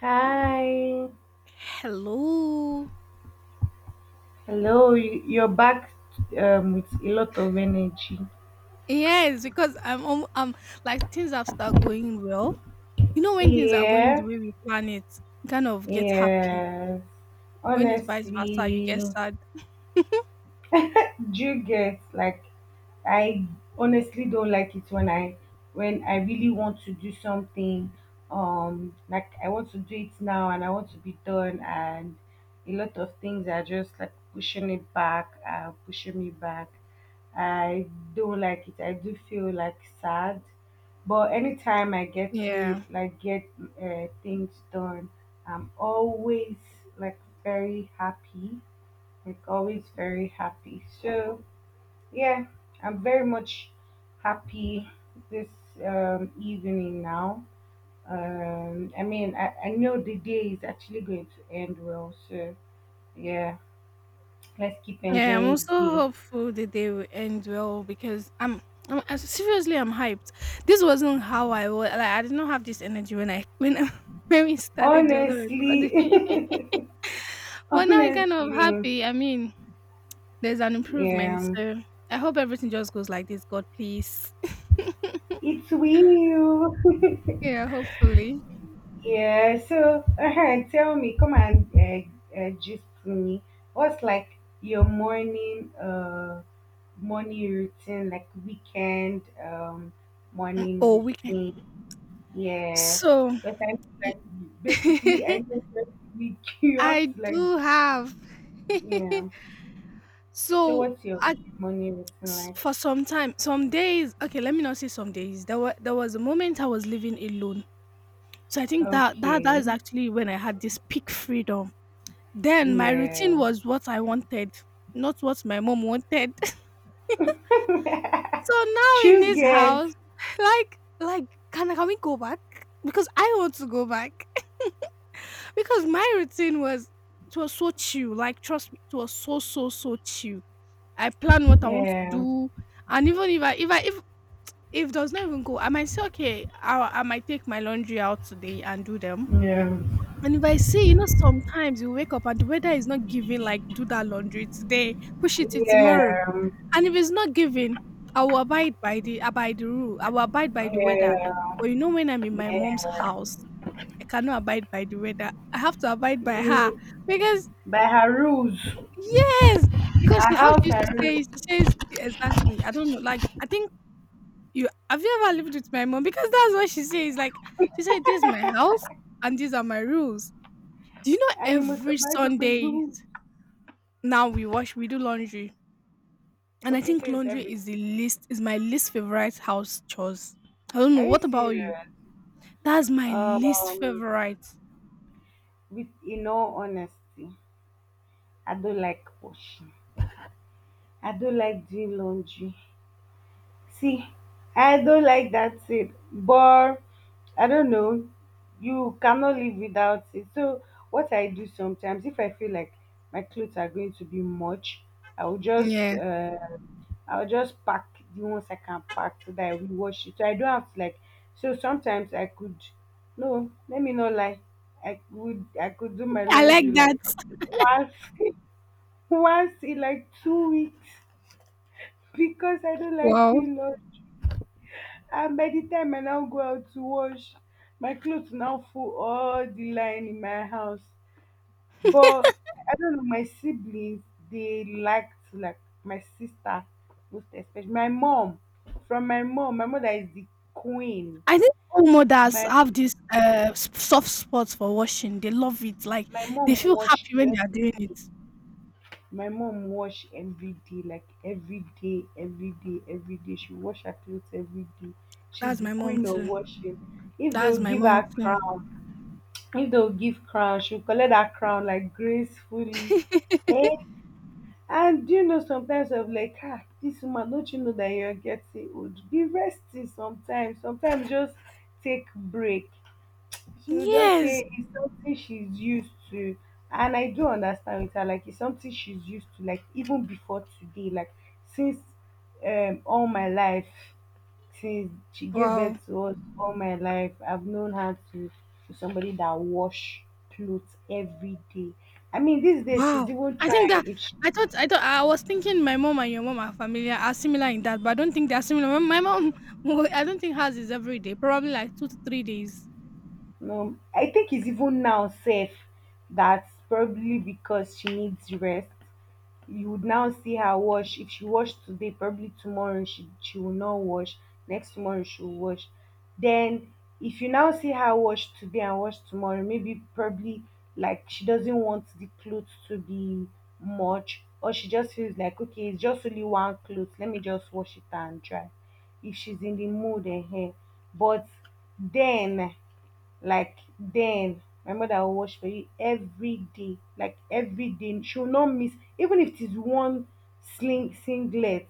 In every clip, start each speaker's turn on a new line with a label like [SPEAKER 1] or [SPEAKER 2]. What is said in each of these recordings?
[SPEAKER 1] Hi.
[SPEAKER 2] Hello.
[SPEAKER 1] Hello. You're back with a lot of energy.
[SPEAKER 2] Yes, because I'm like things have started going well. You know, when things are going the
[SPEAKER 1] Yeah.
[SPEAKER 2] way we plan it, you kind of get happy.
[SPEAKER 1] Yes.
[SPEAKER 2] When it's vice versa, you get
[SPEAKER 1] Honestly.
[SPEAKER 2] sad.
[SPEAKER 1] Do you get like, I honestly don't like it when I when I really want to do something, like I want to do it now and I want to be done, and a lot of things are just like pushing it back, pushing me back. I don't like it. I do feel like sad. But anytime I get to
[SPEAKER 2] Yeah.
[SPEAKER 1] like get things done, I'm always like very happy, like always very happy. So yeah, I'm very much happy this evening now. I mean I know the day is actually going to end well, so yeah, let's keep
[SPEAKER 2] Yeah, I'm
[SPEAKER 1] enjoying
[SPEAKER 2] also
[SPEAKER 1] the day.
[SPEAKER 2] hopeful the day will end well because seriously I'm hyped. This wasn't how I was. Like I did not have this energy when when we started the other recording.
[SPEAKER 1] Honestly.
[SPEAKER 2] But now I'm kind of
[SPEAKER 1] Honestly.
[SPEAKER 2] happy. There's an improvement.
[SPEAKER 1] Yeah,
[SPEAKER 2] So I hope everything just goes like this. God, please.
[SPEAKER 1] it's will.
[SPEAKER 2] Yeah, hopefully.
[SPEAKER 1] Yeah. So tell me come and just me what's like your morning morning routine, like weekend,
[SPEAKER 2] Mm,
[SPEAKER 1] morning
[SPEAKER 2] or we can.
[SPEAKER 1] routine. Yeah,
[SPEAKER 2] So
[SPEAKER 1] because I like basically I
[SPEAKER 2] I
[SPEAKER 1] just like we queue up to like.
[SPEAKER 2] do have.
[SPEAKER 1] Yeah. So
[SPEAKER 2] So
[SPEAKER 1] what's your
[SPEAKER 2] at,
[SPEAKER 1] morning routine like?
[SPEAKER 2] for some time, some days. Okay, let me not say some days. There was a moment I was living alone. So I think that that
[SPEAKER 1] Okay,
[SPEAKER 2] is actually when I had this peak freedom. Then my routine
[SPEAKER 1] yeah.
[SPEAKER 2] was what I wanted, not what my mom wanted. So now in
[SPEAKER 1] True
[SPEAKER 2] this
[SPEAKER 1] get.
[SPEAKER 2] house, like can we go back? Because I want to go back. Because my routine was it was so chill, like trust me, it was so, so, so chill. I plan what I want to
[SPEAKER 1] Yeah,
[SPEAKER 2] do, and even if I if I if does not even go, I might say, okay, I might take my laundry out today and do them.
[SPEAKER 1] yeah,
[SPEAKER 2] And if I see, you know, sometimes you wake up and the weather is not giving, like do that laundry today, push it to tomorrow.
[SPEAKER 1] yeah,
[SPEAKER 2] And if it's not giving, I will abide by the abide the rule. I will abide by the weather.
[SPEAKER 1] yeah,
[SPEAKER 2] But you know, when I'm in my mom's
[SPEAKER 1] yeah.
[SPEAKER 2] house, I cannot abide by the weather. I have to abide by her
[SPEAKER 1] You
[SPEAKER 2] because
[SPEAKER 1] by her rules.
[SPEAKER 2] yes, because she
[SPEAKER 1] Her
[SPEAKER 2] how she
[SPEAKER 1] house
[SPEAKER 2] used
[SPEAKER 1] her
[SPEAKER 2] to
[SPEAKER 1] rules.
[SPEAKER 2] say, she says exactly. I don't know. Like I think you have you ever lived with my mom? Because that's what she says. Like she said, this is my house and these are my rules. Do you know
[SPEAKER 1] Are you must
[SPEAKER 2] every
[SPEAKER 1] abide by my
[SPEAKER 2] Sunday
[SPEAKER 1] rules.
[SPEAKER 2] now we wash, we do laundry, and I
[SPEAKER 1] Okay,
[SPEAKER 2] think
[SPEAKER 1] so it's
[SPEAKER 2] laundry
[SPEAKER 1] every.
[SPEAKER 2] is the least is my least favorite house chores. I don't know.
[SPEAKER 1] Are you
[SPEAKER 2] What about you?
[SPEAKER 1] serious?
[SPEAKER 2] That's my least
[SPEAKER 1] Um,
[SPEAKER 2] favorite.
[SPEAKER 1] with in all honesty, I don't like washing. I don't like doing laundry. See, I don't like that seed, but I don't know. You cannot live without it. So what I do sometimes, if I feel like my clothes are going to be much, I will just
[SPEAKER 2] Yeah,
[SPEAKER 1] pack the ones I can pack so that I will wash it. So I don't have to like. So sometimes I could, no, let me not lie. I could do my
[SPEAKER 2] I like
[SPEAKER 1] laundry
[SPEAKER 2] that.
[SPEAKER 1] like once once in like 2 weeks because I don't like
[SPEAKER 2] Wow.
[SPEAKER 1] doing laundry. And by the time I now go out to wash, my clothes now full all the line in my house. But I don't know, my siblings, they liked like my sister most especially. My mom, from my mom, my mother is the queen.
[SPEAKER 2] I think all mothers
[SPEAKER 1] My
[SPEAKER 2] have this soft spot for washing. They love it. Like
[SPEAKER 1] my mom
[SPEAKER 2] they feel
[SPEAKER 1] wash
[SPEAKER 2] happy when they are
[SPEAKER 1] every
[SPEAKER 2] doing
[SPEAKER 1] day.
[SPEAKER 2] it.
[SPEAKER 1] My mom wash every day, like every day, every day, every day. She wash her clothes every day. She's
[SPEAKER 2] That's
[SPEAKER 1] the
[SPEAKER 2] my mom
[SPEAKER 1] queen of
[SPEAKER 2] too.
[SPEAKER 1] washing. If they
[SPEAKER 2] That's
[SPEAKER 1] will
[SPEAKER 2] my
[SPEAKER 1] give
[SPEAKER 2] mom
[SPEAKER 1] her
[SPEAKER 2] too.
[SPEAKER 1] crown, if they'll give crown she'll collect that crown like gracefully, eh? And do you know, sometimes I'm like, ah, this woman, don't you know that you're getting old? Be resting sometimes, sometimes just take break. She will just
[SPEAKER 2] Yes.
[SPEAKER 1] say it's something she's used to. And I do understand with her, like it's something she's used to, like even before today, like since all my life, since she gave birth
[SPEAKER 2] Wow.
[SPEAKER 1] to us all my life, I've known her to somebody that wash clothes every day. I mean these days she's
[SPEAKER 2] Wow.
[SPEAKER 1] even
[SPEAKER 2] I think that
[SPEAKER 1] trying if she.
[SPEAKER 2] I thought I thought I was thinking my mom and your mom are familiar are similar in that, but I don't think they are similar. My mom, I don't think hers is every day. Probably like two to three days.
[SPEAKER 1] No, I think it's even now safe, that's probably because she needs rest. You would now see her wash. If she wash today, probably tomorrow she will not wash, next tomorrow she will wash. Then if you now see her wash today and wash tomorrow, maybe probably like she doesn't want the clothes to be much, or she just feels like okay it's just only one clothes, let me just wash it and dry if she's in the mood and eh. But then like then, my mother will watch for you every day, like every day. She will not miss, even if it is one sling singlet,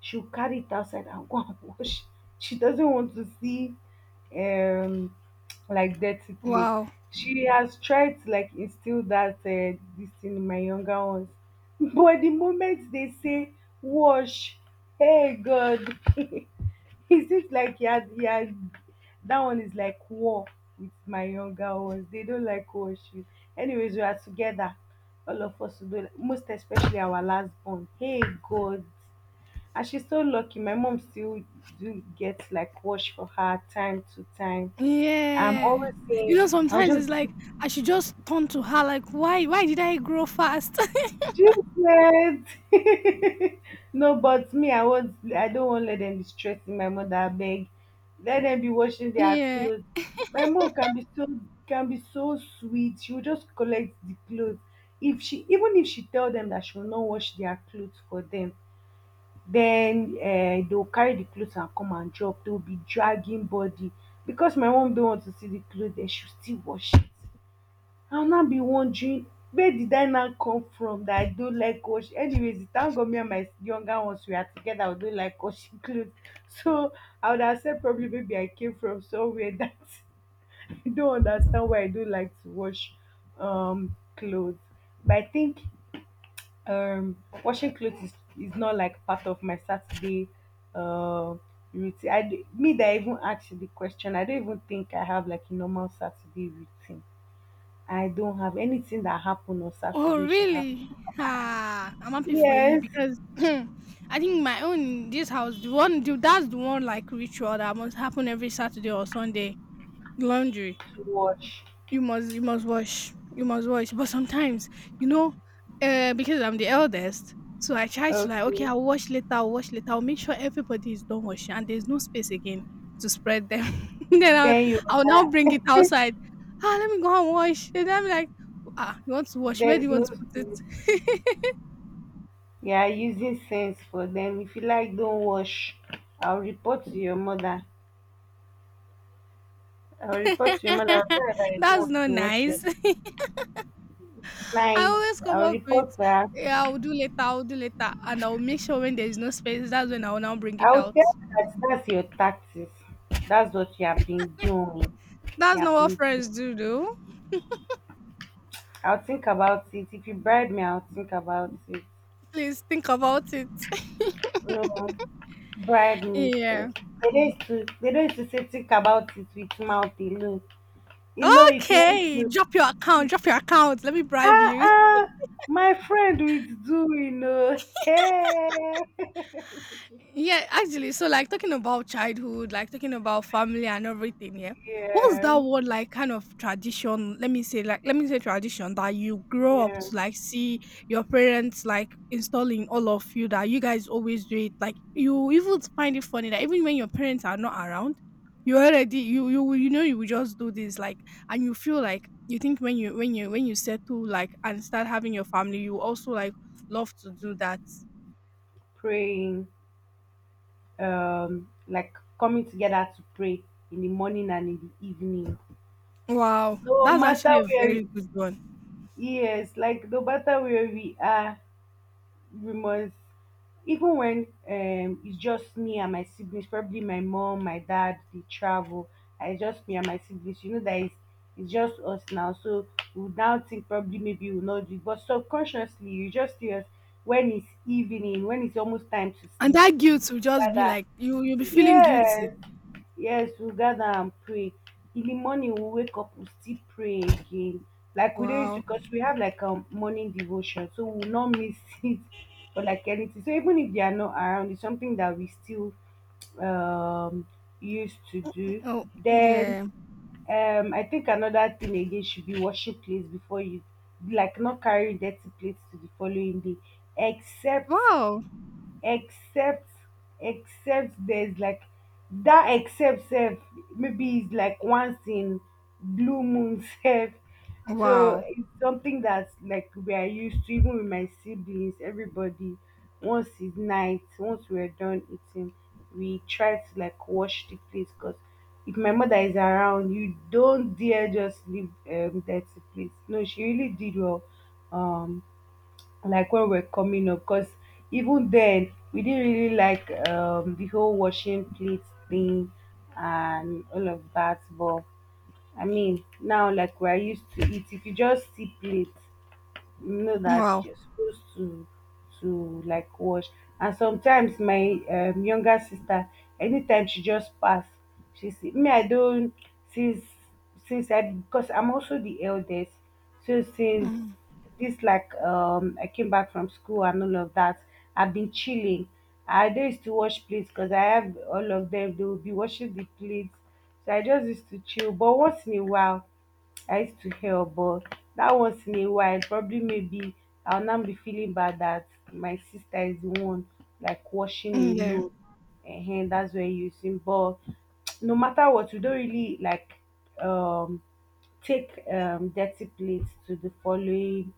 [SPEAKER 1] she'll carry it outside and go and wash. She doesn't want to see um like dirty clothes.
[SPEAKER 2] Wow.
[SPEAKER 1] She has tried to like instill that this thing in my younger ones, but the moment they say wash, hey God. It seems like he had that one is like war with my younger ones. They don't like war issue. Anyways, we are together. All of us do most especially our last born. Hey God. And she's so lucky. My mom still do get like wash for her time to time. I'm
[SPEAKER 2] Yeah.
[SPEAKER 1] always
[SPEAKER 2] You know,
[SPEAKER 1] saying I'll
[SPEAKER 2] sometimes
[SPEAKER 1] just.
[SPEAKER 2] it's like I should just turn to her, like, why did I grow fast?
[SPEAKER 1] Jesus! No, but me, I don't want let them be stressing my mother. I beg, let them be washing their
[SPEAKER 2] Yeah.
[SPEAKER 1] clothes. My mom can be so sweet. She will just collect the clothes. If she Even if she tell them that she will not wash their clothes for them, then they'll carry the clothes and come and drop. They'll be dragging body because my mom don't want to see the clothes. Then she'll still wash it. I'll not be wondering where did I now come from that I don't like wash. Anyways, it thank God me and my younger ones we are together. I don't like washing clothes, so I would have said probably maybe I came from somewhere that I don't understand why I don't like to wash clothes. But I think um washing clothes is not like part of my Saturday uh routine. Me that even asked the question. I don't even think I have like a normal Saturday routine. I don't have anything that happened on
[SPEAKER 2] Oh,
[SPEAKER 1] Saturday. She have
[SPEAKER 2] really? Ah, I'm happy for you
[SPEAKER 1] yes
[SPEAKER 2] because I think my own in this house, that's the one like ritual that must happen every Saturday or Sunday, laundry.
[SPEAKER 1] to watch.
[SPEAKER 2] You must wash, but sometimes you know, because I'm the eldest, so I try to like, okay,
[SPEAKER 1] Okay.
[SPEAKER 2] I'll wash later, I'll make sure everybody is done washing and there's no space again to spread them, then
[SPEAKER 1] Then you
[SPEAKER 2] I'll now bring it outside. Ah, let me go and wash. And I'm like, ah, you want to wash, where do
[SPEAKER 1] there's
[SPEAKER 2] you want
[SPEAKER 1] no
[SPEAKER 2] to put
[SPEAKER 1] space.
[SPEAKER 2] it?
[SPEAKER 1] You are using sense for them. If you like, don't wash. I'll report to your mother. I'll report to your mother. I'll tell her that you don't
[SPEAKER 2] That's
[SPEAKER 1] want
[SPEAKER 2] not
[SPEAKER 1] to wash your
[SPEAKER 2] nice. I
[SPEAKER 1] night.
[SPEAKER 2] always come
[SPEAKER 1] I'll
[SPEAKER 2] up with,
[SPEAKER 1] report to her.
[SPEAKER 2] yeah, I'll do later, and I'll make sure when there's no space, that's when I'll now bring it
[SPEAKER 1] I'll
[SPEAKER 2] out.
[SPEAKER 1] tell her that that's your tactics. That's what you have been doing.
[SPEAKER 2] That's
[SPEAKER 1] You
[SPEAKER 2] not
[SPEAKER 1] have
[SPEAKER 2] what
[SPEAKER 1] been.
[SPEAKER 2] friends
[SPEAKER 1] Doing.
[SPEAKER 2] do though.
[SPEAKER 1] I'll think about it. If you bribe me, I'll think about it.
[SPEAKER 2] Please think about it.
[SPEAKER 1] No, bride me
[SPEAKER 2] Yeah.
[SPEAKER 1] first. They don't used to say think about it with mouth alone. You know, if you want
[SPEAKER 2] Okay,
[SPEAKER 1] to
[SPEAKER 2] drop your account. Let me bribe
[SPEAKER 1] ah
[SPEAKER 2] you.
[SPEAKER 1] ah my friend with do you know hey.
[SPEAKER 2] Yeah, actually, so like talking about childhood, like talking about family and everything, yeah. What's
[SPEAKER 1] Yeah,
[SPEAKER 2] that one like kind of tradition? Let me say like let me say tradition that you grow up
[SPEAKER 1] yeah.
[SPEAKER 2] to like see your parents like installing all of you that you guys always do it. Like you even find it funny that even when your parents are not around, you already you know you will just do this, like, and you feel like you think when you when you when you settle like and start having your family, you also like love to do that.
[SPEAKER 1] Praying, like coming together to pray in the morning and in the evening.
[SPEAKER 2] Wow,
[SPEAKER 1] No
[SPEAKER 2] that's
[SPEAKER 1] matter
[SPEAKER 2] actually a
[SPEAKER 1] where,
[SPEAKER 2] very good one.
[SPEAKER 1] yes, like no matter where we are, we must, even when it's just me and my siblings, probably my mom my dad they travel and it's just me and my siblings, you know that it's just us now, so we would now think probably maybe we'll not do it, but subconsciously you just hear us when it's evening, when it's almost time to
[SPEAKER 2] And
[SPEAKER 1] sleep,
[SPEAKER 2] that guilt will just be
[SPEAKER 1] rather
[SPEAKER 2] like you you'll be feeling guilty.
[SPEAKER 1] yes. Yes, we'll gather and pray. In the morning, we'll wake up, we'll still pray again. Like we don't used to,
[SPEAKER 2] Wow.
[SPEAKER 1] because we have like a morning devotion, so we'll not miss it for like anything. So even if they are not around, it's something that we still um used to do.
[SPEAKER 2] Oh
[SPEAKER 1] Then
[SPEAKER 2] yeah.
[SPEAKER 1] I think another thing again should be washing plates before you, like not carrying dirty plates to the following day, except
[SPEAKER 2] Wow.
[SPEAKER 1] except except there's like, that except self, maybe it's like once in blue moon self. So
[SPEAKER 2] Wow.
[SPEAKER 1] it's something that's like we are used to, even with my siblings everybody, once it's night, once we're done eating, we try to like wash the place, because if my mother is around you don't dare just leave dirty place. No, she really did well um like when we're coming up, because even then we didn't really like the whole washing plates thing and all of that, but I mean now like we're used to it. If you just see plates, no, that
[SPEAKER 2] Wow.
[SPEAKER 1] you're supposed to like wash. And sometimes my younger sister, anytime she just pass, she see me, I don't, since since I, because I'm also the eldest, so since
[SPEAKER 2] Mm,
[SPEAKER 1] this, like, I came back from school and all of that, I've been chilling, I don't used to wash plates because I have all of them, they will be washing the plates, so I just used to chill, but once in a while I used to help. But that once in a while, probably maybe I'll now be feeling bad that my sister is the one like washing
[SPEAKER 2] mm, yeah.
[SPEAKER 1] alone. And that's where you using. But no matter what, we don't really like um take dirty plates to the following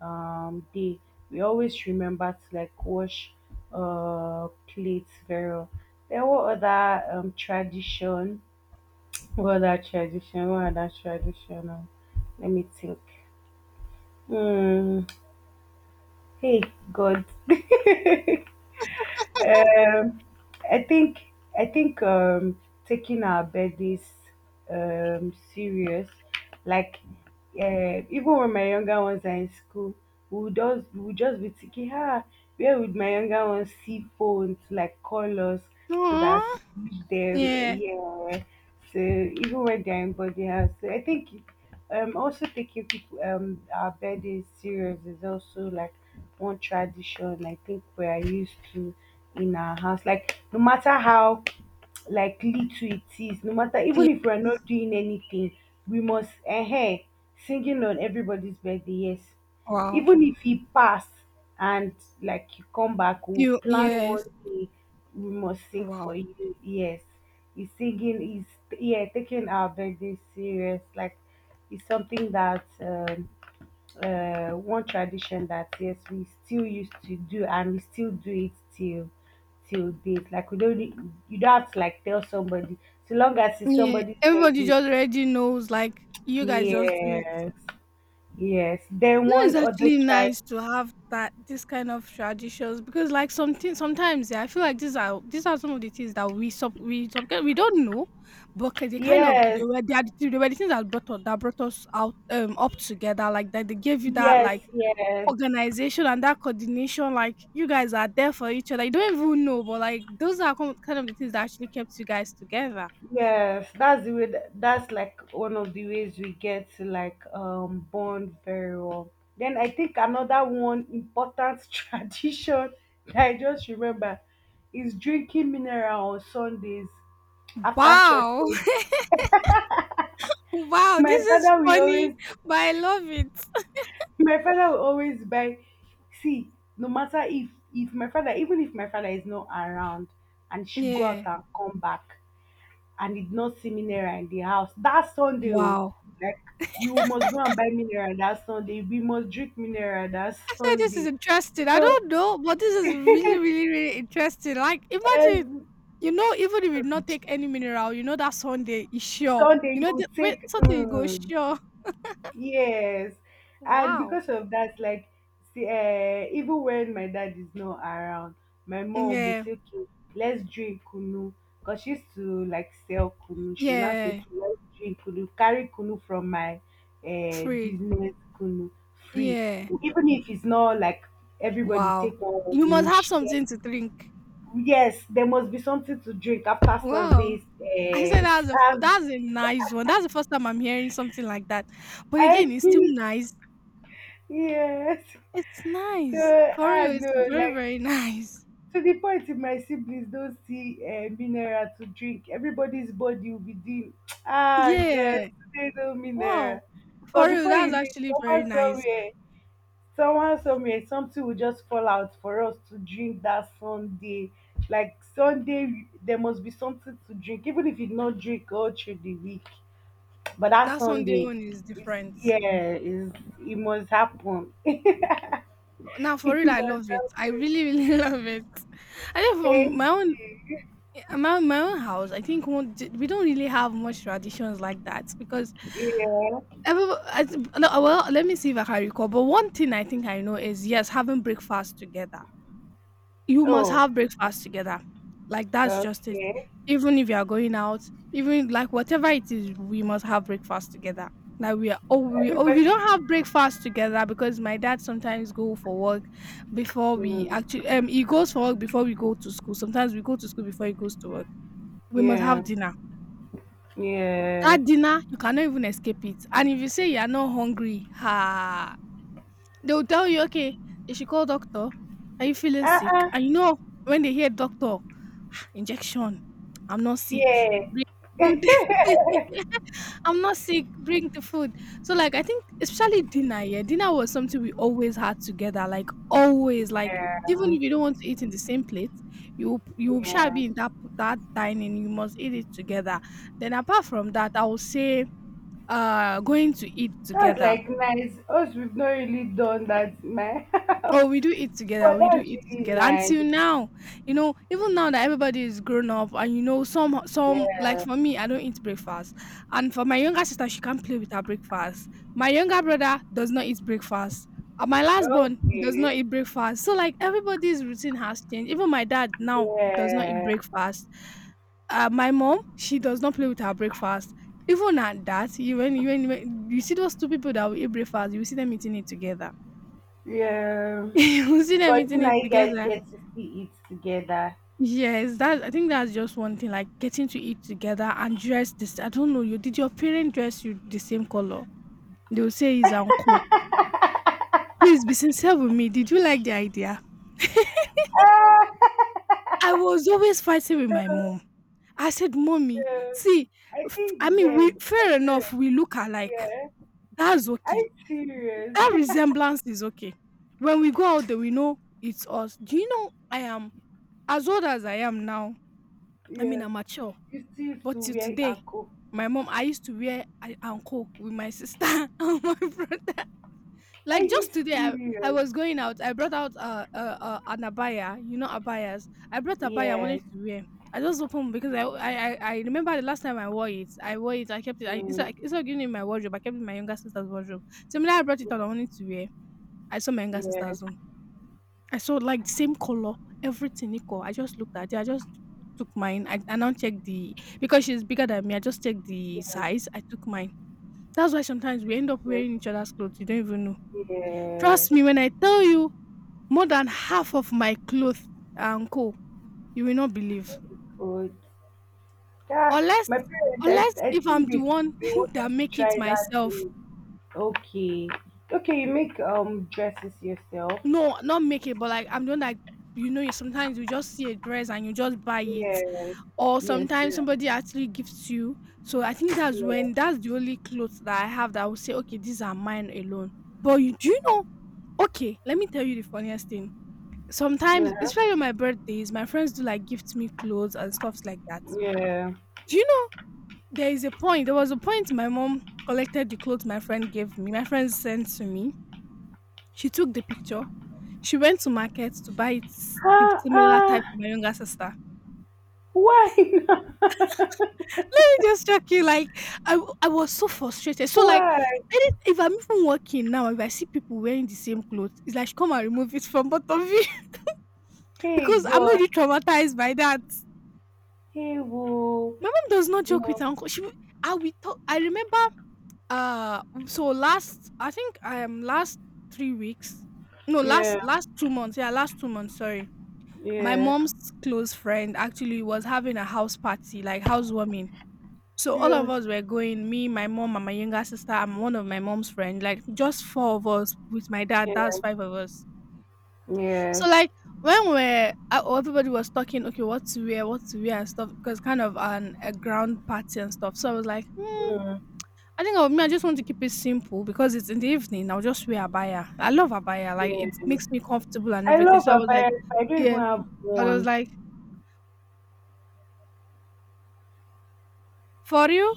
[SPEAKER 1] day. We always remember to like wash plates very well. There were other tradition, what that traditional, what that traditional. Let me think. Hmm. Hey, God. um, I think I think taking our birthdays serious, like even when my younger ones are in school, we would just be thinking, ah, where would my younger ones see phones like call us so that
[SPEAKER 2] Aww.
[SPEAKER 1] we reach them?
[SPEAKER 2] Yeah.
[SPEAKER 1] Yeah. So even when they're in body house, so I think. Also taking people our birthdays serious is also like one tradition I think we are used to in our house. Like no matter how like little it is, no matter
[SPEAKER 2] Yeah.
[SPEAKER 1] even if we are not doing anything, we must singing on everybody's birthday. Yes,
[SPEAKER 2] Wow.
[SPEAKER 1] even if he pass and like you come back, we'll
[SPEAKER 2] You,
[SPEAKER 1] plan
[SPEAKER 2] yes.
[SPEAKER 1] one day we must sing for
[SPEAKER 2] Wow.
[SPEAKER 1] you. Yes, he's singing, he's yeah, taking our birthday serious. Like it's something that one tradition that yes, we still used to do and we still do it till date. Like we don't need- you don't have to like tell somebody. So long as it's
[SPEAKER 2] Yeah.
[SPEAKER 1] somebody's
[SPEAKER 2] Everybody
[SPEAKER 1] birthday.
[SPEAKER 2] just already knows like you guys just do it.
[SPEAKER 1] Yes. Yes. Then
[SPEAKER 2] You know, it's
[SPEAKER 1] one other
[SPEAKER 2] actually
[SPEAKER 1] tribe.
[SPEAKER 2] nice to have that this kind of traditions because, like, something sometimes, yeah, I feel like these are some of the things that we don't know, but they kind of
[SPEAKER 1] Yes.
[SPEAKER 2] they were the things that brought us out up together, like that they gave you that
[SPEAKER 1] Yes,
[SPEAKER 2] like
[SPEAKER 1] yes,
[SPEAKER 2] organization and that coordination, like you guys are there for each other, you don't even know, but like those are kind of the things that actually kept you guys together.
[SPEAKER 1] yes. That's the way that's like one of the ways we get to like bond very well. Then I think another one important tradition that I just remember is drinking mineral on Sundays after church
[SPEAKER 2] Wow,
[SPEAKER 1] service.
[SPEAKER 2] wow,
[SPEAKER 1] My
[SPEAKER 2] this is
[SPEAKER 1] father will
[SPEAKER 2] funny,
[SPEAKER 1] always
[SPEAKER 2] but I love it.
[SPEAKER 1] my father will always buy see, no matter if my father even if my father is not around and she go out
[SPEAKER 2] Yeah.
[SPEAKER 1] and come back and he did not see mineral in the house that Sunday. Oh,
[SPEAKER 2] Wow.
[SPEAKER 1] like you must go and buy mineral that Sunday, we must drink mineral that
[SPEAKER 2] I said this is
[SPEAKER 1] Sunday.
[SPEAKER 2] interesting. I
[SPEAKER 1] So
[SPEAKER 2] don't know, but this is really, really, really interesting. Like, imagine,
[SPEAKER 1] every
[SPEAKER 2] you know, even if you not take any mineral, you know that Sunday is sure.
[SPEAKER 1] Sunday
[SPEAKER 2] You
[SPEAKER 1] you
[SPEAKER 2] know,
[SPEAKER 1] will
[SPEAKER 2] wait,
[SPEAKER 1] take
[SPEAKER 2] Sunday you go sure.
[SPEAKER 1] yes, and
[SPEAKER 2] Wow.
[SPEAKER 1] because of that, like, see, even when my dad is not around, my mom will
[SPEAKER 2] Yeah,
[SPEAKER 1] say, "Okay, let's drink kunu," because she used to like sell kunu. She will now say,
[SPEAKER 2] yeah,
[SPEAKER 1] "Okay, let's drink kunu. Carry kunu from my
[SPEAKER 2] free.
[SPEAKER 1] business kunu free,
[SPEAKER 2] Yeah,
[SPEAKER 1] even if it's not like everybody
[SPEAKER 2] wow.
[SPEAKER 1] take one,
[SPEAKER 2] You
[SPEAKER 1] we
[SPEAKER 2] must
[SPEAKER 1] will
[SPEAKER 2] have
[SPEAKER 1] share."
[SPEAKER 2] something to drink.
[SPEAKER 1] Yes, there must be something to drink after
[SPEAKER 2] Wow.
[SPEAKER 1] Sunday's
[SPEAKER 2] I said that's a
[SPEAKER 1] serve-
[SPEAKER 2] that's a nice one. That's the first time I'm hearing something like that. But again,
[SPEAKER 1] I,
[SPEAKER 2] it's still nice.
[SPEAKER 1] yes.
[SPEAKER 2] It's
[SPEAKER 1] So
[SPEAKER 2] nice for
[SPEAKER 1] I
[SPEAKER 2] real. It's
[SPEAKER 1] know,
[SPEAKER 2] very,
[SPEAKER 1] like,
[SPEAKER 2] very nice.
[SPEAKER 1] to the point if my siblings don't see mineral to drink, everybody's body will be doing, ah,
[SPEAKER 2] Yeah.
[SPEAKER 1] God, today no mineral.
[SPEAKER 2] Wow!
[SPEAKER 1] But
[SPEAKER 2] For real,
[SPEAKER 1] before you
[SPEAKER 2] that's
[SPEAKER 1] know it,
[SPEAKER 2] actually very nice.
[SPEAKER 1] someone somewhere, something will just fall out for us to drink that Sunday. Like Sunday, there must be something to drink, even if you not drink all through the week. But that
[SPEAKER 2] That Sunday
[SPEAKER 1] Sunday,
[SPEAKER 2] one is
[SPEAKER 1] it's
[SPEAKER 2] different.
[SPEAKER 1] yeah, is it must happen.
[SPEAKER 2] Now, for
[SPEAKER 1] It
[SPEAKER 2] real, I
[SPEAKER 1] must
[SPEAKER 2] love it. I
[SPEAKER 1] happen.
[SPEAKER 2] really, really love it. I think from
[SPEAKER 1] Thank
[SPEAKER 2] my own,
[SPEAKER 1] you.
[SPEAKER 2] my own house, I think one, we don't really have much traditions like that because
[SPEAKER 1] Yeah.
[SPEAKER 2] every, I, th- no, well, let me see if I can recall. But one thing I think I know is yes, having breakfast together. You must
[SPEAKER 1] Oh.
[SPEAKER 2] have breakfast together. Like that's just it.
[SPEAKER 1] Okay.
[SPEAKER 2] Even if you are going out, even like whatever it is, we must have breakfast together. Like we are oh we oh if we don't
[SPEAKER 1] Everybody.
[SPEAKER 2] have breakfast together because my dad sometimes go for work before we actually
[SPEAKER 1] Mm,
[SPEAKER 2] he goes for work before we go to school. Sometimes we go to school before he goes to work. We must
[SPEAKER 1] yeah.
[SPEAKER 2] have dinner.
[SPEAKER 1] Yeah.
[SPEAKER 2] That dinner, you cannot even escape it. And if you say you are not hungry, ha, they will tell you, "Okay, you should call doctor. Are you feeling sick?"
[SPEAKER 1] Uh-uh.
[SPEAKER 2] And you know when they hear doctor, "Ah, injection. I'm not sick.
[SPEAKER 1] Fear.
[SPEAKER 2] Bring food." "I'm not sick. Bring the food." So, like, I think especially dinner, yeah, dinner was something we always had together, like, always, like, even
[SPEAKER 1] Yeah.
[SPEAKER 2] if you don't want to eat in the same plate, you shall
[SPEAKER 1] Yeah.
[SPEAKER 2] be in that dining, you must eat it together. Then apart from that, I would say, going to eat
[SPEAKER 1] That's
[SPEAKER 2] together.
[SPEAKER 1] like nice. Us, we've not really done that in my
[SPEAKER 2] Oh,
[SPEAKER 1] house.
[SPEAKER 2] we do eat together.
[SPEAKER 1] But
[SPEAKER 2] We do
[SPEAKER 1] that's
[SPEAKER 2] eat
[SPEAKER 1] really
[SPEAKER 2] together
[SPEAKER 1] nice.
[SPEAKER 2] until now. You know, even now that everybody is grown up, and you know, some like
[SPEAKER 1] Yeah.
[SPEAKER 2] for me, I don't eat breakfast, and for my younger sister, she can't play with her breakfast. My younger brother does not eat breakfast. And my last born does not
[SPEAKER 1] Okay.
[SPEAKER 2] eat breakfast. So like everybody's routine has changed. Even my dad now does not eat
[SPEAKER 1] Yeah.
[SPEAKER 2] breakfast. My mom, she does not play with her breakfast. Even at that, you when you when you see those two people that will eat breakfast, you will see them eating it together.
[SPEAKER 1] Yeah.
[SPEAKER 2] We'll see them
[SPEAKER 1] But you
[SPEAKER 2] eating
[SPEAKER 1] know,
[SPEAKER 2] it
[SPEAKER 1] you guys
[SPEAKER 2] together.
[SPEAKER 1] get to see it together.
[SPEAKER 2] Yes, that I think that's just one thing, like getting to eat together and dress this. I don't know you. Did your parent dress you the same color? They will say it's uncle. Please be sincere with me. Did you like the idea?
[SPEAKER 1] Ah!
[SPEAKER 2] I was always fighting with my mom.
[SPEAKER 1] So,
[SPEAKER 2] I said, "Mommy,
[SPEAKER 1] so,
[SPEAKER 2] see,
[SPEAKER 1] I
[SPEAKER 2] I
[SPEAKER 1] think
[SPEAKER 2] mean, we
[SPEAKER 1] dead. My
[SPEAKER 2] fair enough.
[SPEAKER 1] parents.
[SPEAKER 2] We look alike.
[SPEAKER 1] Yeah.
[SPEAKER 2] That's okay.
[SPEAKER 1] I'm serious.
[SPEAKER 2] That resemblance is okay. When we go out there, we know it's us. Do you know I am as old as I am now? I mean,
[SPEAKER 1] Yeah.
[SPEAKER 2] I'm mature.
[SPEAKER 1] 50
[SPEAKER 2] But
[SPEAKER 1] to
[SPEAKER 2] till
[SPEAKER 1] where I
[SPEAKER 2] today,
[SPEAKER 1] go.
[SPEAKER 2] my mom I used to wear a anko with my sister and my brother.
[SPEAKER 1] Are
[SPEAKER 2] Like
[SPEAKER 1] you
[SPEAKER 2] just today, I
[SPEAKER 1] serious?
[SPEAKER 2] was going out. I brought out an abaya. You know abayas. I brought abaya. I wanted
[SPEAKER 1] Yes.
[SPEAKER 2] to wear. I just opened because I remember the last time I wore it. I wore it. I kept it. I,
[SPEAKER 1] Mm.
[SPEAKER 2] instead, instead of giving it in my wardrobe, I kept it in my younger sister's wardrobe. Similarly, I brought it out. I
[SPEAKER 1] Yes.
[SPEAKER 2] wanted to wear. I saw my younger
[SPEAKER 1] Yes.
[SPEAKER 2] sister's one. I saw like same color, everything equal. I just looked at it. I just took mine. I now checked the because she's bigger than me. I just checked the
[SPEAKER 1] Yes.
[SPEAKER 2] size. I took mine. That's why sometimes we end up
[SPEAKER 1] Yes,
[SPEAKER 2] wearing each other's clothes. You don't even know.
[SPEAKER 1] yes.
[SPEAKER 2] Trust me when I tell you, more than half of my clothes are uncle. You will not believe.
[SPEAKER 1] Good. Yeah.
[SPEAKER 2] Unless,
[SPEAKER 1] My parents,
[SPEAKER 2] unless
[SPEAKER 1] I
[SPEAKER 2] if I'm
[SPEAKER 1] think
[SPEAKER 2] the one
[SPEAKER 1] they
[SPEAKER 2] that
[SPEAKER 1] wanted to
[SPEAKER 2] make it
[SPEAKER 1] try that
[SPEAKER 2] myself.
[SPEAKER 1] thing. Okay. Okay, you make dresses yourself.
[SPEAKER 2] No, not make it, but like I'm the one that you know. You sometimes you just see a dress and you just buy it,
[SPEAKER 1] Yes.
[SPEAKER 2] or
[SPEAKER 1] Yes.
[SPEAKER 2] sometimes
[SPEAKER 1] Yeah.
[SPEAKER 2] somebody actually gifts you. So I think that's
[SPEAKER 1] Yeah.
[SPEAKER 2] when that's the only clothes that I have that I will say, okay, these are mine alone. But you do you know? Okay, let me tell you the funniest thing. Sometimes,
[SPEAKER 1] Yeah.
[SPEAKER 2] especially on my birthdays, my friends do like gift me clothes and stuffs like that.
[SPEAKER 1] Yeah.
[SPEAKER 2] Do you know there is a point? There was a point my mom collected the clothes my friend gave me. My friend sent to me. She took the picture. She went to market to buy it, the
[SPEAKER 1] Ah,
[SPEAKER 2] similar type for
[SPEAKER 1] ah.
[SPEAKER 2] my younger sister.
[SPEAKER 1] Why not?
[SPEAKER 2] Just joking. Like I was so frustrated. So like,
[SPEAKER 1] Why?
[SPEAKER 2] any, if I'm even working now, if I see people wearing the same clothes, it's like come and remove it from both of you
[SPEAKER 1] Hey
[SPEAKER 2] because I'm
[SPEAKER 1] God.
[SPEAKER 2] already traumatized by that.
[SPEAKER 1] Hey woo.
[SPEAKER 2] My mom does not joke with
[SPEAKER 1] No.
[SPEAKER 2] her uncle. She, will- I we talk. I remember. Uh, so last I think last 3 weeks, no
[SPEAKER 1] Yeah,
[SPEAKER 2] last last 2 months. Yeah, last 2 months. Sorry. My
[SPEAKER 1] yeah,
[SPEAKER 2] mom's close friend actually was having a house party, like housewarming. So all
[SPEAKER 1] yeah,
[SPEAKER 2] of us were going, me, my mom, and my younger sister, and one of my mom's friend, like just four of us with my dad, that's
[SPEAKER 1] yeah,
[SPEAKER 2] five of us. So
[SPEAKER 1] yes.
[SPEAKER 2] like when we're oh, everybody was talking, okay, what to wear and stuff, because kind of an a ground party and stuff. So I was like,
[SPEAKER 1] Mm,
[SPEAKER 2] I think of me, I just want to keep it simple because it's in the evening. I'll just wear abaya. I love abaya, like
[SPEAKER 1] yeah.
[SPEAKER 2] it makes me comfortable and
[SPEAKER 1] I
[SPEAKER 2] everything.
[SPEAKER 1] love
[SPEAKER 2] So I was like,
[SPEAKER 1] Abaya. I don't even
[SPEAKER 2] yeah,
[SPEAKER 1] have
[SPEAKER 2] I was
[SPEAKER 1] one.
[SPEAKER 2] like, for you,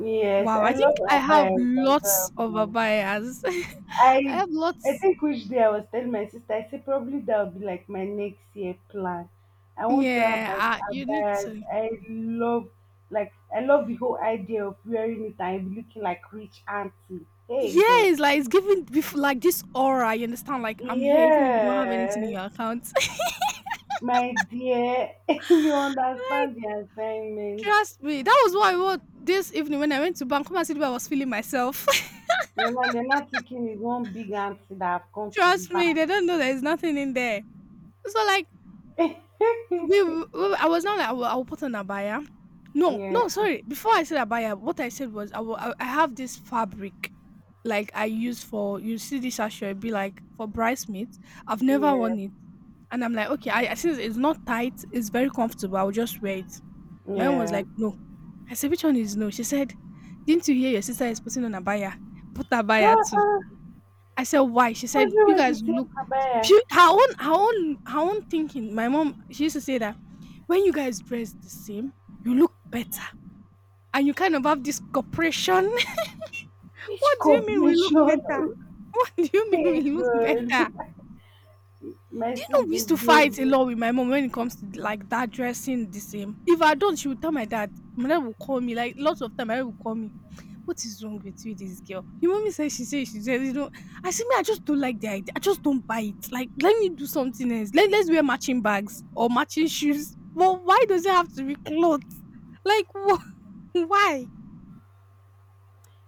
[SPEAKER 1] Yes,
[SPEAKER 2] wow,
[SPEAKER 1] I
[SPEAKER 2] I think
[SPEAKER 1] love
[SPEAKER 2] I have
[SPEAKER 1] Abaya. I don't
[SPEAKER 2] lots
[SPEAKER 1] have
[SPEAKER 2] of
[SPEAKER 1] one.
[SPEAKER 2] abayas. I
[SPEAKER 1] I
[SPEAKER 2] have
[SPEAKER 1] I
[SPEAKER 2] lots.
[SPEAKER 1] think which day I was telling my sister, I said probably that will be like my next year plan. I want to have
[SPEAKER 2] Yeah,
[SPEAKER 1] like
[SPEAKER 2] you need
[SPEAKER 1] Abayas.
[SPEAKER 2] to.
[SPEAKER 1] I love like I love the whole idea of wearing it and looking like rich auntie. Hey God.
[SPEAKER 2] Yes, like it's giving bef- like this aura. You understand? Like I'm here, even if you don't have anything in
[SPEAKER 1] Yeah.
[SPEAKER 2] your account.
[SPEAKER 1] My dear, you
[SPEAKER 2] Like
[SPEAKER 1] understand the assignment.
[SPEAKER 2] trust me, that was what I was this evening when I went to Bank City. I was feeling myself.
[SPEAKER 1] You're not taking it one big answer that I've come to the
[SPEAKER 2] Trust me, they don't know there's nothing in there. So like
[SPEAKER 1] bank.
[SPEAKER 2] I was not like I will put on a buyer. No,
[SPEAKER 1] yeah,
[SPEAKER 2] no, sorry. Before I said a buyer, what I said was I will, I have this fabric, like I use for you see this sachet, it'd be like for bridesmaids. I've never
[SPEAKER 1] yeah,
[SPEAKER 2] worn it. And I'm like, okay, I- since it's not tight, it's very comfortable. I'll just wear it. My mom was
[SPEAKER 1] yeah.
[SPEAKER 2] like, no. I said, which one is no? She said, didn't you hear your sister is putting on a abaya? Put a abaya
[SPEAKER 1] How,
[SPEAKER 2] too. I said, why? She said,
[SPEAKER 1] was
[SPEAKER 2] you
[SPEAKER 1] it
[SPEAKER 2] guys
[SPEAKER 1] with the
[SPEAKER 2] look.
[SPEAKER 1] same Abaya?
[SPEAKER 2] She, her own, her own, her own thinking. My mom, she used to say that when you guys dress the same, you look better, and you kind of have this cooperation.
[SPEAKER 1] Which
[SPEAKER 2] What do you mean we look
[SPEAKER 1] corporation?
[SPEAKER 2] better? What do you mean
[SPEAKER 1] Okay,
[SPEAKER 2] we look
[SPEAKER 1] good.
[SPEAKER 2] better?
[SPEAKER 1] Mercy,
[SPEAKER 2] We used to
[SPEAKER 1] baby.
[SPEAKER 2] fight a lot with my mom when it comes to like that dressing the same. If I don't, she would tell my dad. My dad will call me like lots of time. My dad will call me. What is wrong with you, this girl? Your mommy says she says she says you know. I see me. I just don't like the idea. I just don't buy it. Like let me do something else. Let's wear matching bags or matching shoes. Well, why does it have to be clothes? Like wh- why?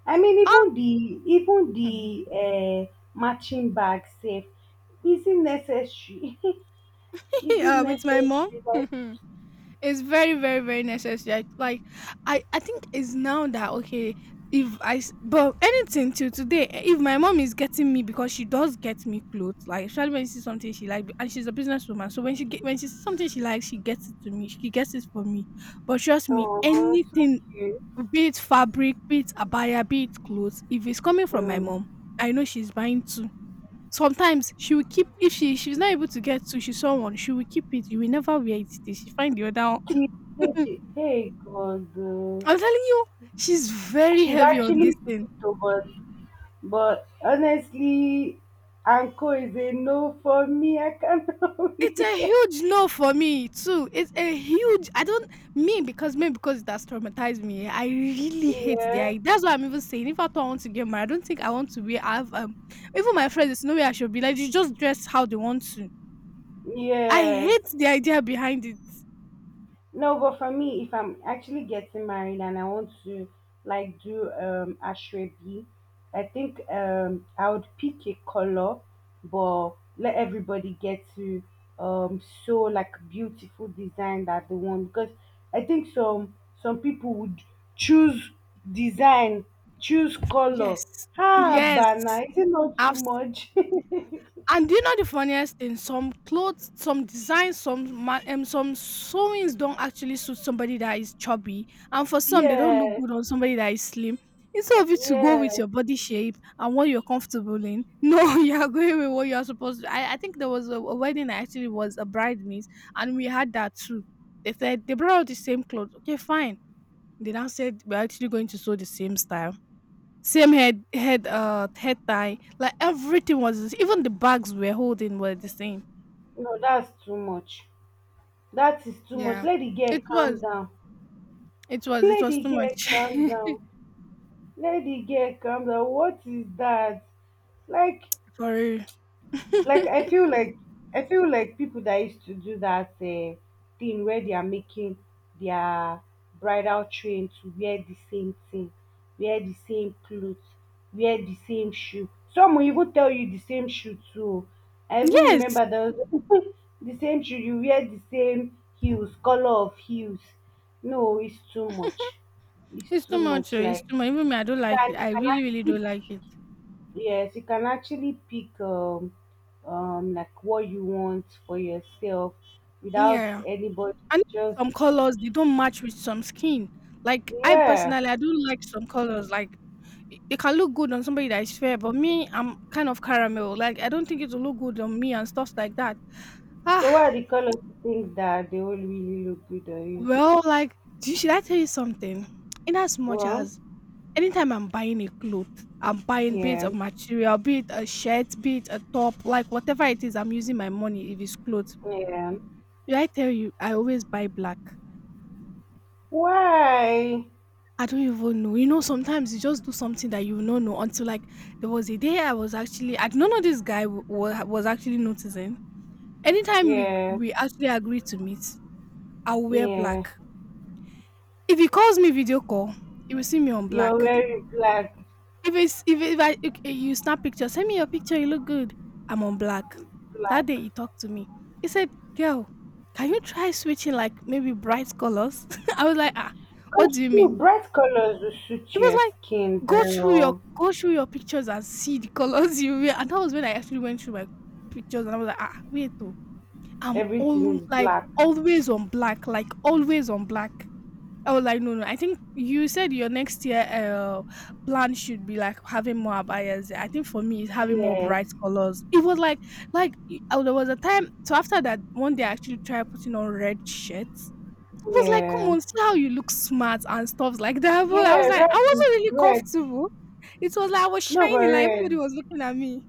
[SPEAKER 2] Ah,
[SPEAKER 1] Even
[SPEAKER 2] Hmm.
[SPEAKER 1] the uh, matching bag safe. Is it necessary? Is it
[SPEAKER 2] With my mom.
[SPEAKER 1] necessary? Like,
[SPEAKER 2] It's very, very, very necessary. I- Like, I think it's now that okay. If I s- but anything till today, eh, if my mom is getting me because she does get me clothes, like especially when she sees something she like, and she's a businesswoman, so when she get when she sees something she likes, she gets it to me. She gets it for me. But trust me,
[SPEAKER 1] oh, so
[SPEAKER 2] anything,
[SPEAKER 1] cute.
[SPEAKER 2] be it fabric, be it abaya, be it clothes, if it's coming from my mom,
[SPEAKER 1] Mm.
[SPEAKER 2] I know she's buying two. Sometimes she will keep if she she's not able to get to she's someone she will keep it. You will never wear it. Till she find the other one.
[SPEAKER 1] She, she, hey God,
[SPEAKER 2] I'm telling you, she's very
[SPEAKER 1] she's
[SPEAKER 2] heavy on this
[SPEAKER 1] actually
[SPEAKER 2] thing.
[SPEAKER 1] sweet to us, but honestly, Anko is a no for me. I cannot
[SPEAKER 2] It's
[SPEAKER 1] be.
[SPEAKER 2] a huge no for me too. It's a huge. I don't me because it has traumatized me. I really hate the
[SPEAKER 1] Yeah,
[SPEAKER 2] idea. That's why I'm even saying if I don't want to get married, I don't think I want to be. I've even my friends, there's no way I should be like you. Just dress how they want to. I
[SPEAKER 1] yes.
[SPEAKER 2] hate the idea behind it.
[SPEAKER 1] No, but for me, if I'm actually getting married and I want to like do ashrebi, I think I would pick a color, but let everybody get to sew like beautiful design that they want because I think some people would choose design, choose color.
[SPEAKER 2] Yes,
[SPEAKER 1] Ah,
[SPEAKER 2] yes.
[SPEAKER 1] bana, is it not too
[SPEAKER 2] I've
[SPEAKER 1] much?
[SPEAKER 2] And do you know the funniest thing? Some clothes, some designs, some ma- some sewings don't actually suit somebody that is chubby, and for some they don't look
[SPEAKER 1] Yeah,
[SPEAKER 2] good on somebody that is slim. Instead of you to go
[SPEAKER 1] yeah.
[SPEAKER 2] with your body shape and what you're comfortable in, no, you are going with what you are supposed to. I think there was a wedding I actually was a bridesmaid, and we had that too. They said they brought out the same clothes. Okay, fine. They now said we're actually going to sew the same style, same head, head, head tie. Like everything was the s- even the bags we were holding were the same.
[SPEAKER 1] No, that's too much. That is too much.
[SPEAKER 2] Yeah,
[SPEAKER 1] Let the girl
[SPEAKER 2] it
[SPEAKER 1] calm
[SPEAKER 2] was,
[SPEAKER 1] down.
[SPEAKER 2] it was
[SPEAKER 1] lady
[SPEAKER 2] too
[SPEAKER 1] girl
[SPEAKER 2] much.
[SPEAKER 1] calm down lady girl calm down, what is that? like
[SPEAKER 2] For real.
[SPEAKER 1] like i feel like I feel like people that used to do that thing where they are making their bridal train to wear the same thing, wear the same clothes, wear the same shoe, some will even tell you the same shoe too. I even
[SPEAKER 2] Yes,
[SPEAKER 1] remember there was the same shoe, you wear the same heels, color of heels. No, it's too much.
[SPEAKER 2] it's too much. Oh, It's
[SPEAKER 1] Like
[SPEAKER 2] too much. Even me, I don't
[SPEAKER 1] you
[SPEAKER 2] like
[SPEAKER 1] can
[SPEAKER 2] it. I really, really
[SPEAKER 1] actually
[SPEAKER 2] don't like it.
[SPEAKER 1] yes, you can actually pick like what you want for yourself without
[SPEAKER 2] Yeah,
[SPEAKER 1] anybody
[SPEAKER 2] and
[SPEAKER 1] just
[SPEAKER 2] some colors they don't match with some skin. Like I
[SPEAKER 1] yeah.
[SPEAKER 2] personally, I don't like some colors. Like it can look good on somebody that is fair, but me, I'm kind of caramel. Like I don't think it will look good on me and stuff like that.
[SPEAKER 1] So what
[SPEAKER 2] Ah,
[SPEAKER 1] are the colors you think that they will really look good on you?
[SPEAKER 2] well, like, do you, should I tell you something? In as much
[SPEAKER 1] Well,
[SPEAKER 2] as anytime I'm buying a cloth, I'm buying be it
[SPEAKER 1] yeah,
[SPEAKER 2] a material, be it a shirt, be it a top, like whatever it is, I'm using my money if it's clothes.
[SPEAKER 1] yeah.
[SPEAKER 2] Should I tell you, I always buy black.
[SPEAKER 1] Why?
[SPEAKER 2] I don't even know. You know, sometimes you just do something that you will not know until like there was a day I was actually I don't know this guy w- wa- was actually noticing. Anytime we
[SPEAKER 1] Yeah,
[SPEAKER 2] we actually agree to meet, I'll wear
[SPEAKER 1] yeah.
[SPEAKER 2] black. If he calls me video call, he will see me on
[SPEAKER 1] You're
[SPEAKER 2] black.
[SPEAKER 1] wearing black,
[SPEAKER 2] If it's if I ok you snap picture, "Send me your picture, you look good." I'm on black. That
[SPEAKER 1] black.
[SPEAKER 2] day he talked to me. He said, "Girl, can you try switching like maybe bright colors?" I was like, "Ah, what
[SPEAKER 1] That's
[SPEAKER 2] do you
[SPEAKER 1] true.
[SPEAKER 2] mean?"
[SPEAKER 1] Bright colors will
[SPEAKER 2] It
[SPEAKER 1] suit
[SPEAKER 2] was
[SPEAKER 1] your skin
[SPEAKER 2] like,
[SPEAKER 1] very well.
[SPEAKER 2] go through your pictures and see the colors you wear." And that was when I actually went through my pictures and I was like, "Ah, wait though. I'm
[SPEAKER 1] Everything
[SPEAKER 2] all
[SPEAKER 1] is
[SPEAKER 2] like
[SPEAKER 1] black.
[SPEAKER 2] always on black, like always on black." Oh, like no, no. I think you said your next year plan should be like having more abayas. I think for me, it's having more
[SPEAKER 1] Yes.
[SPEAKER 2] bright colors. It was like y- oh, there was a time. So after that, one day I actually tried putting on red shirts. It was like, come
[SPEAKER 1] Yeah.
[SPEAKER 2] on, see how you look smart and stuff like that. But I was
[SPEAKER 1] Yeah,
[SPEAKER 2] like, I
[SPEAKER 1] red,
[SPEAKER 2] wasn't really
[SPEAKER 1] red.
[SPEAKER 2] comfortable. It was like I was
[SPEAKER 1] No, but
[SPEAKER 2] shining, like everybody
[SPEAKER 1] red.
[SPEAKER 2] was looking at me.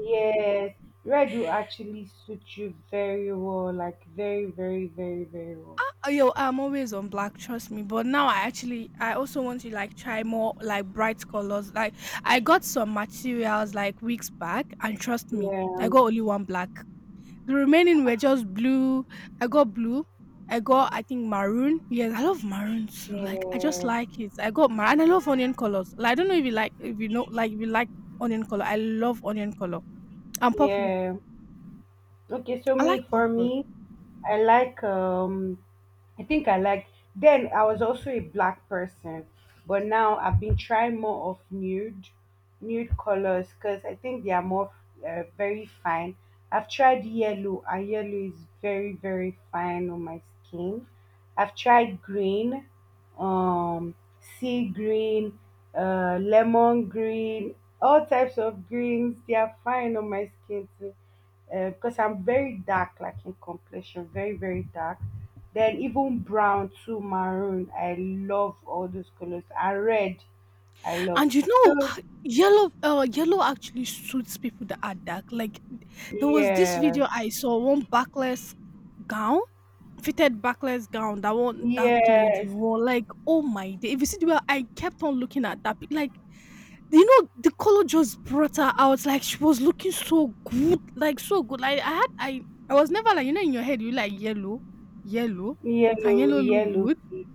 [SPEAKER 1] Yes, red will actually suit you very well. Like very, very, very, very well.
[SPEAKER 2] Oh, yo, I'm always on black, trust me. But now I actually, I also want to like try more like bright colors. Like I got some materials like weeks back, and trust me,
[SPEAKER 1] Yeah,
[SPEAKER 2] I got only one black. The remaining were just blue. I got blue. I got, I think, maroon. Yes, I love maroon too. Like I just
[SPEAKER 1] yeah,
[SPEAKER 2] like it. I got maroon. And I love onion colors. I don't know if you like, if you know, like if you like onion color. I love onion color and purple.
[SPEAKER 1] yeah. Okay, so
[SPEAKER 2] I
[SPEAKER 1] me
[SPEAKER 2] like
[SPEAKER 1] for
[SPEAKER 2] purple.
[SPEAKER 1] me, I like I think I like then I was also a black person, but now I've been trying more of nude colors because I think they are more very fine. I've tried yellow and yellow is very very fine on my skin. I've tried green, um sea green, lemon green, all types of greens. They are fine on my skin too because I'm very dark, like in complexion, very very dark. Then even brown to maroon, I love all those colors. And red, I love.
[SPEAKER 2] And
[SPEAKER 1] So
[SPEAKER 2] yellow yellow actually suits people that are dark. Like there was this
[SPEAKER 1] yeah,
[SPEAKER 2] video I saw one backless gown, fitted backless gown that one dark lady
[SPEAKER 1] yes,
[SPEAKER 2] wore. Like, oh my day. If you see the way I kept on looking at that like the color just brought her out. Like she was looking so good. Like so good. Like I had I was never like, in your head you like yellow, yellow. Can yellow look
[SPEAKER 1] yellow.
[SPEAKER 2] good?
[SPEAKER 1] Feet.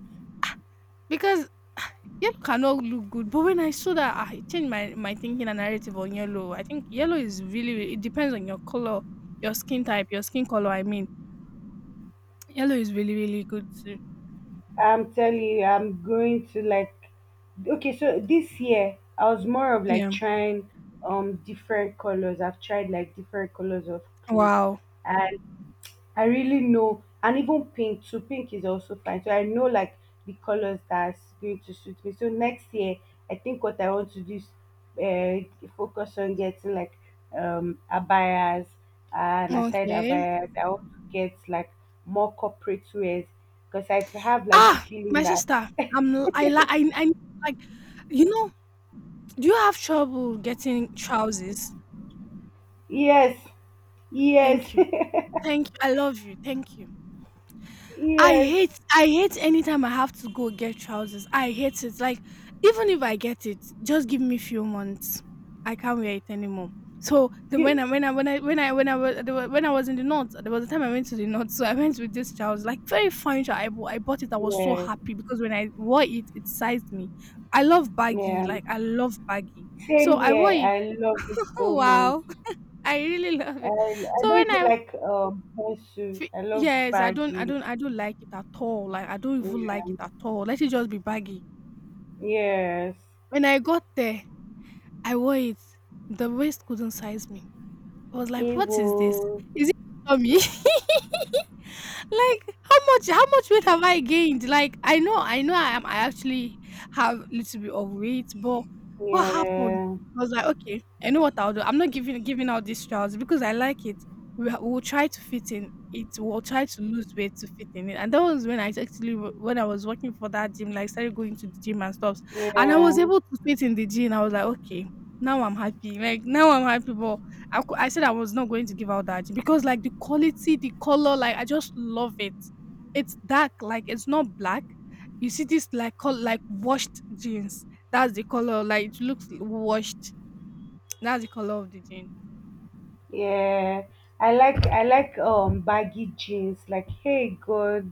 [SPEAKER 2] Because yellow cannot look good, but when I saw that, ah, it changed my thinking and narrative on yellow. I think yellow is really, really it depends on your color, your skin type, your skin color. I mean, yellow is really, really good too.
[SPEAKER 1] I'm telling you, I'm going to like. Okay, so this year I was more of like
[SPEAKER 2] Yeah.
[SPEAKER 1] trying different colors. I've tried like different colors of clothes,
[SPEAKER 2] Wow.
[SPEAKER 1] and I really know, and even pink too. Pink is also fine. So I know like the colors that's going to suit me. So next year, I think what I want to do is focus on getting like abayas, and aside
[SPEAKER 2] Okay.
[SPEAKER 1] abayas, I want to get like more corporate wears because I have like the
[SPEAKER 2] Ah,
[SPEAKER 1] feeling
[SPEAKER 2] my
[SPEAKER 1] that
[SPEAKER 2] sister. I'm. L- I like. I. I like. You know. Do you have trouble getting trousers?
[SPEAKER 1] yes, yes,
[SPEAKER 2] Thank you. Thank you. I love you. Thank you.
[SPEAKER 1] yes,
[SPEAKER 2] I hate anytime I have to go get trousers. I hate it. Like even if I get it, just give me few months. I can't wear it anymore. So the, when
[SPEAKER 1] you-
[SPEAKER 2] I when I when I when I when I was there wa- When I was in the north, there was a time I went to the north. So I went with this trousers, like very fine trousers. I bought it. I was so
[SPEAKER 1] yeah,
[SPEAKER 2] happy because when I wore it, it sized me. I love baggy,
[SPEAKER 1] yeah.
[SPEAKER 2] like I love baggy. So
[SPEAKER 1] Same
[SPEAKER 2] I wore
[SPEAKER 1] here.
[SPEAKER 2] it.
[SPEAKER 1] I love it
[SPEAKER 2] Oh
[SPEAKER 1] so much.
[SPEAKER 2] wow, I really love it.
[SPEAKER 1] I
[SPEAKER 2] So
[SPEAKER 1] don't
[SPEAKER 2] when
[SPEAKER 1] even
[SPEAKER 2] I
[SPEAKER 1] like Henshu.
[SPEAKER 2] Fe
[SPEAKER 1] I love
[SPEAKER 2] Yes,
[SPEAKER 1] baggy.
[SPEAKER 2] I don't like it at all, like, I don't even like
[SPEAKER 1] Yeah.
[SPEAKER 2] it at all, let it just be baggy.
[SPEAKER 1] Yes.
[SPEAKER 2] When I got there, I wore it, the waist couldn't size me. I was like, "What is this?
[SPEAKER 1] Evil.
[SPEAKER 2] Is it tummy?" like how much weight have I gained? Like I know I actually have a little bit of weight, but what happened?
[SPEAKER 1] Yeah.
[SPEAKER 2] I was like, okay, I know what I'll do. I'm not giving out these trousers because I like it. We'll try to fit in it. We'll try to lose weight to fit in it. And that was when when I was working for that gym, like started going to the gym and stuff. And I was
[SPEAKER 1] Yeah.
[SPEAKER 2] able to fit in the gym. I was like, okay, now I'm happy. Like now I'm happy, but I said I was not going to give out that because, like, the quality, the color, like, I just love it. It's dark, like, it's not black. You see this, like, col like, washed jeans. That's the color, like, it looks washed. That's the color of the jean.
[SPEAKER 1] Yeah. I like baggy jeans. Like, hey God,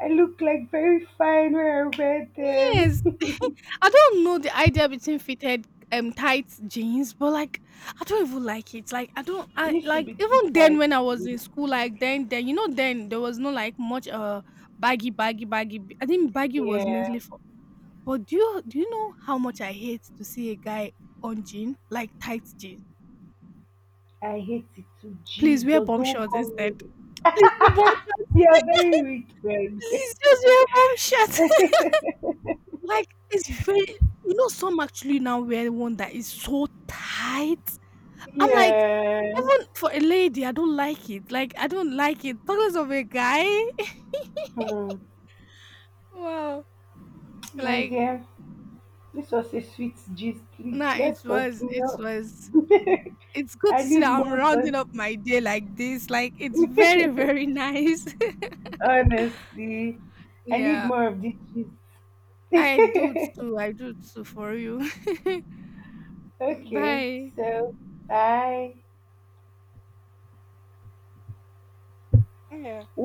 [SPEAKER 1] I look like very fine when I wear
[SPEAKER 2] Yes.
[SPEAKER 1] them.
[SPEAKER 2] I don't know the idea between fitted, tight jeans, but, like, I don't even like it. Like, I don't
[SPEAKER 1] It
[SPEAKER 2] I
[SPEAKER 1] used to
[SPEAKER 2] like,
[SPEAKER 1] be too
[SPEAKER 2] even then
[SPEAKER 1] tight
[SPEAKER 2] when I
[SPEAKER 1] for
[SPEAKER 2] was in
[SPEAKER 1] me.
[SPEAKER 2] school, like, then then there was no, like, much, baggy, baggy, baggy. I think baggy was
[SPEAKER 1] Yeah.
[SPEAKER 2] mainly for But do you know how much I hate to see a guy on jean, like tight jean?
[SPEAKER 1] I hate it too.
[SPEAKER 2] Please wear
[SPEAKER 1] Jesus,
[SPEAKER 2] bum
[SPEAKER 1] don't
[SPEAKER 2] shorts
[SPEAKER 1] come
[SPEAKER 2] instead.
[SPEAKER 1] near me.
[SPEAKER 2] Please wear bum shorts.
[SPEAKER 1] They are very wicked.
[SPEAKER 2] Please just wear bum shorts. like it's very some actually now wear one that is so tight. I'm like
[SPEAKER 1] Yes.
[SPEAKER 2] even for a lady, I don't like it. Like I don't like it. Talking of a guy.
[SPEAKER 1] Hmm.
[SPEAKER 2] Wow.
[SPEAKER 1] My
[SPEAKER 2] Like
[SPEAKER 1] dear. This was a sweet gist. Please,
[SPEAKER 2] nah,
[SPEAKER 1] let's
[SPEAKER 2] it
[SPEAKER 1] continue.
[SPEAKER 2] was it's good
[SPEAKER 1] I
[SPEAKER 2] to see that
[SPEAKER 1] need
[SPEAKER 2] I'm
[SPEAKER 1] more, cause
[SPEAKER 2] rounding up my day like this. Like it's very, very nice.
[SPEAKER 1] honestly, I need
[SPEAKER 2] Yeah,
[SPEAKER 1] more of this
[SPEAKER 2] I do
[SPEAKER 1] gist.
[SPEAKER 2] too. I do too for you.
[SPEAKER 1] Okay,
[SPEAKER 2] Bye.
[SPEAKER 1] so bye.
[SPEAKER 2] Yeah.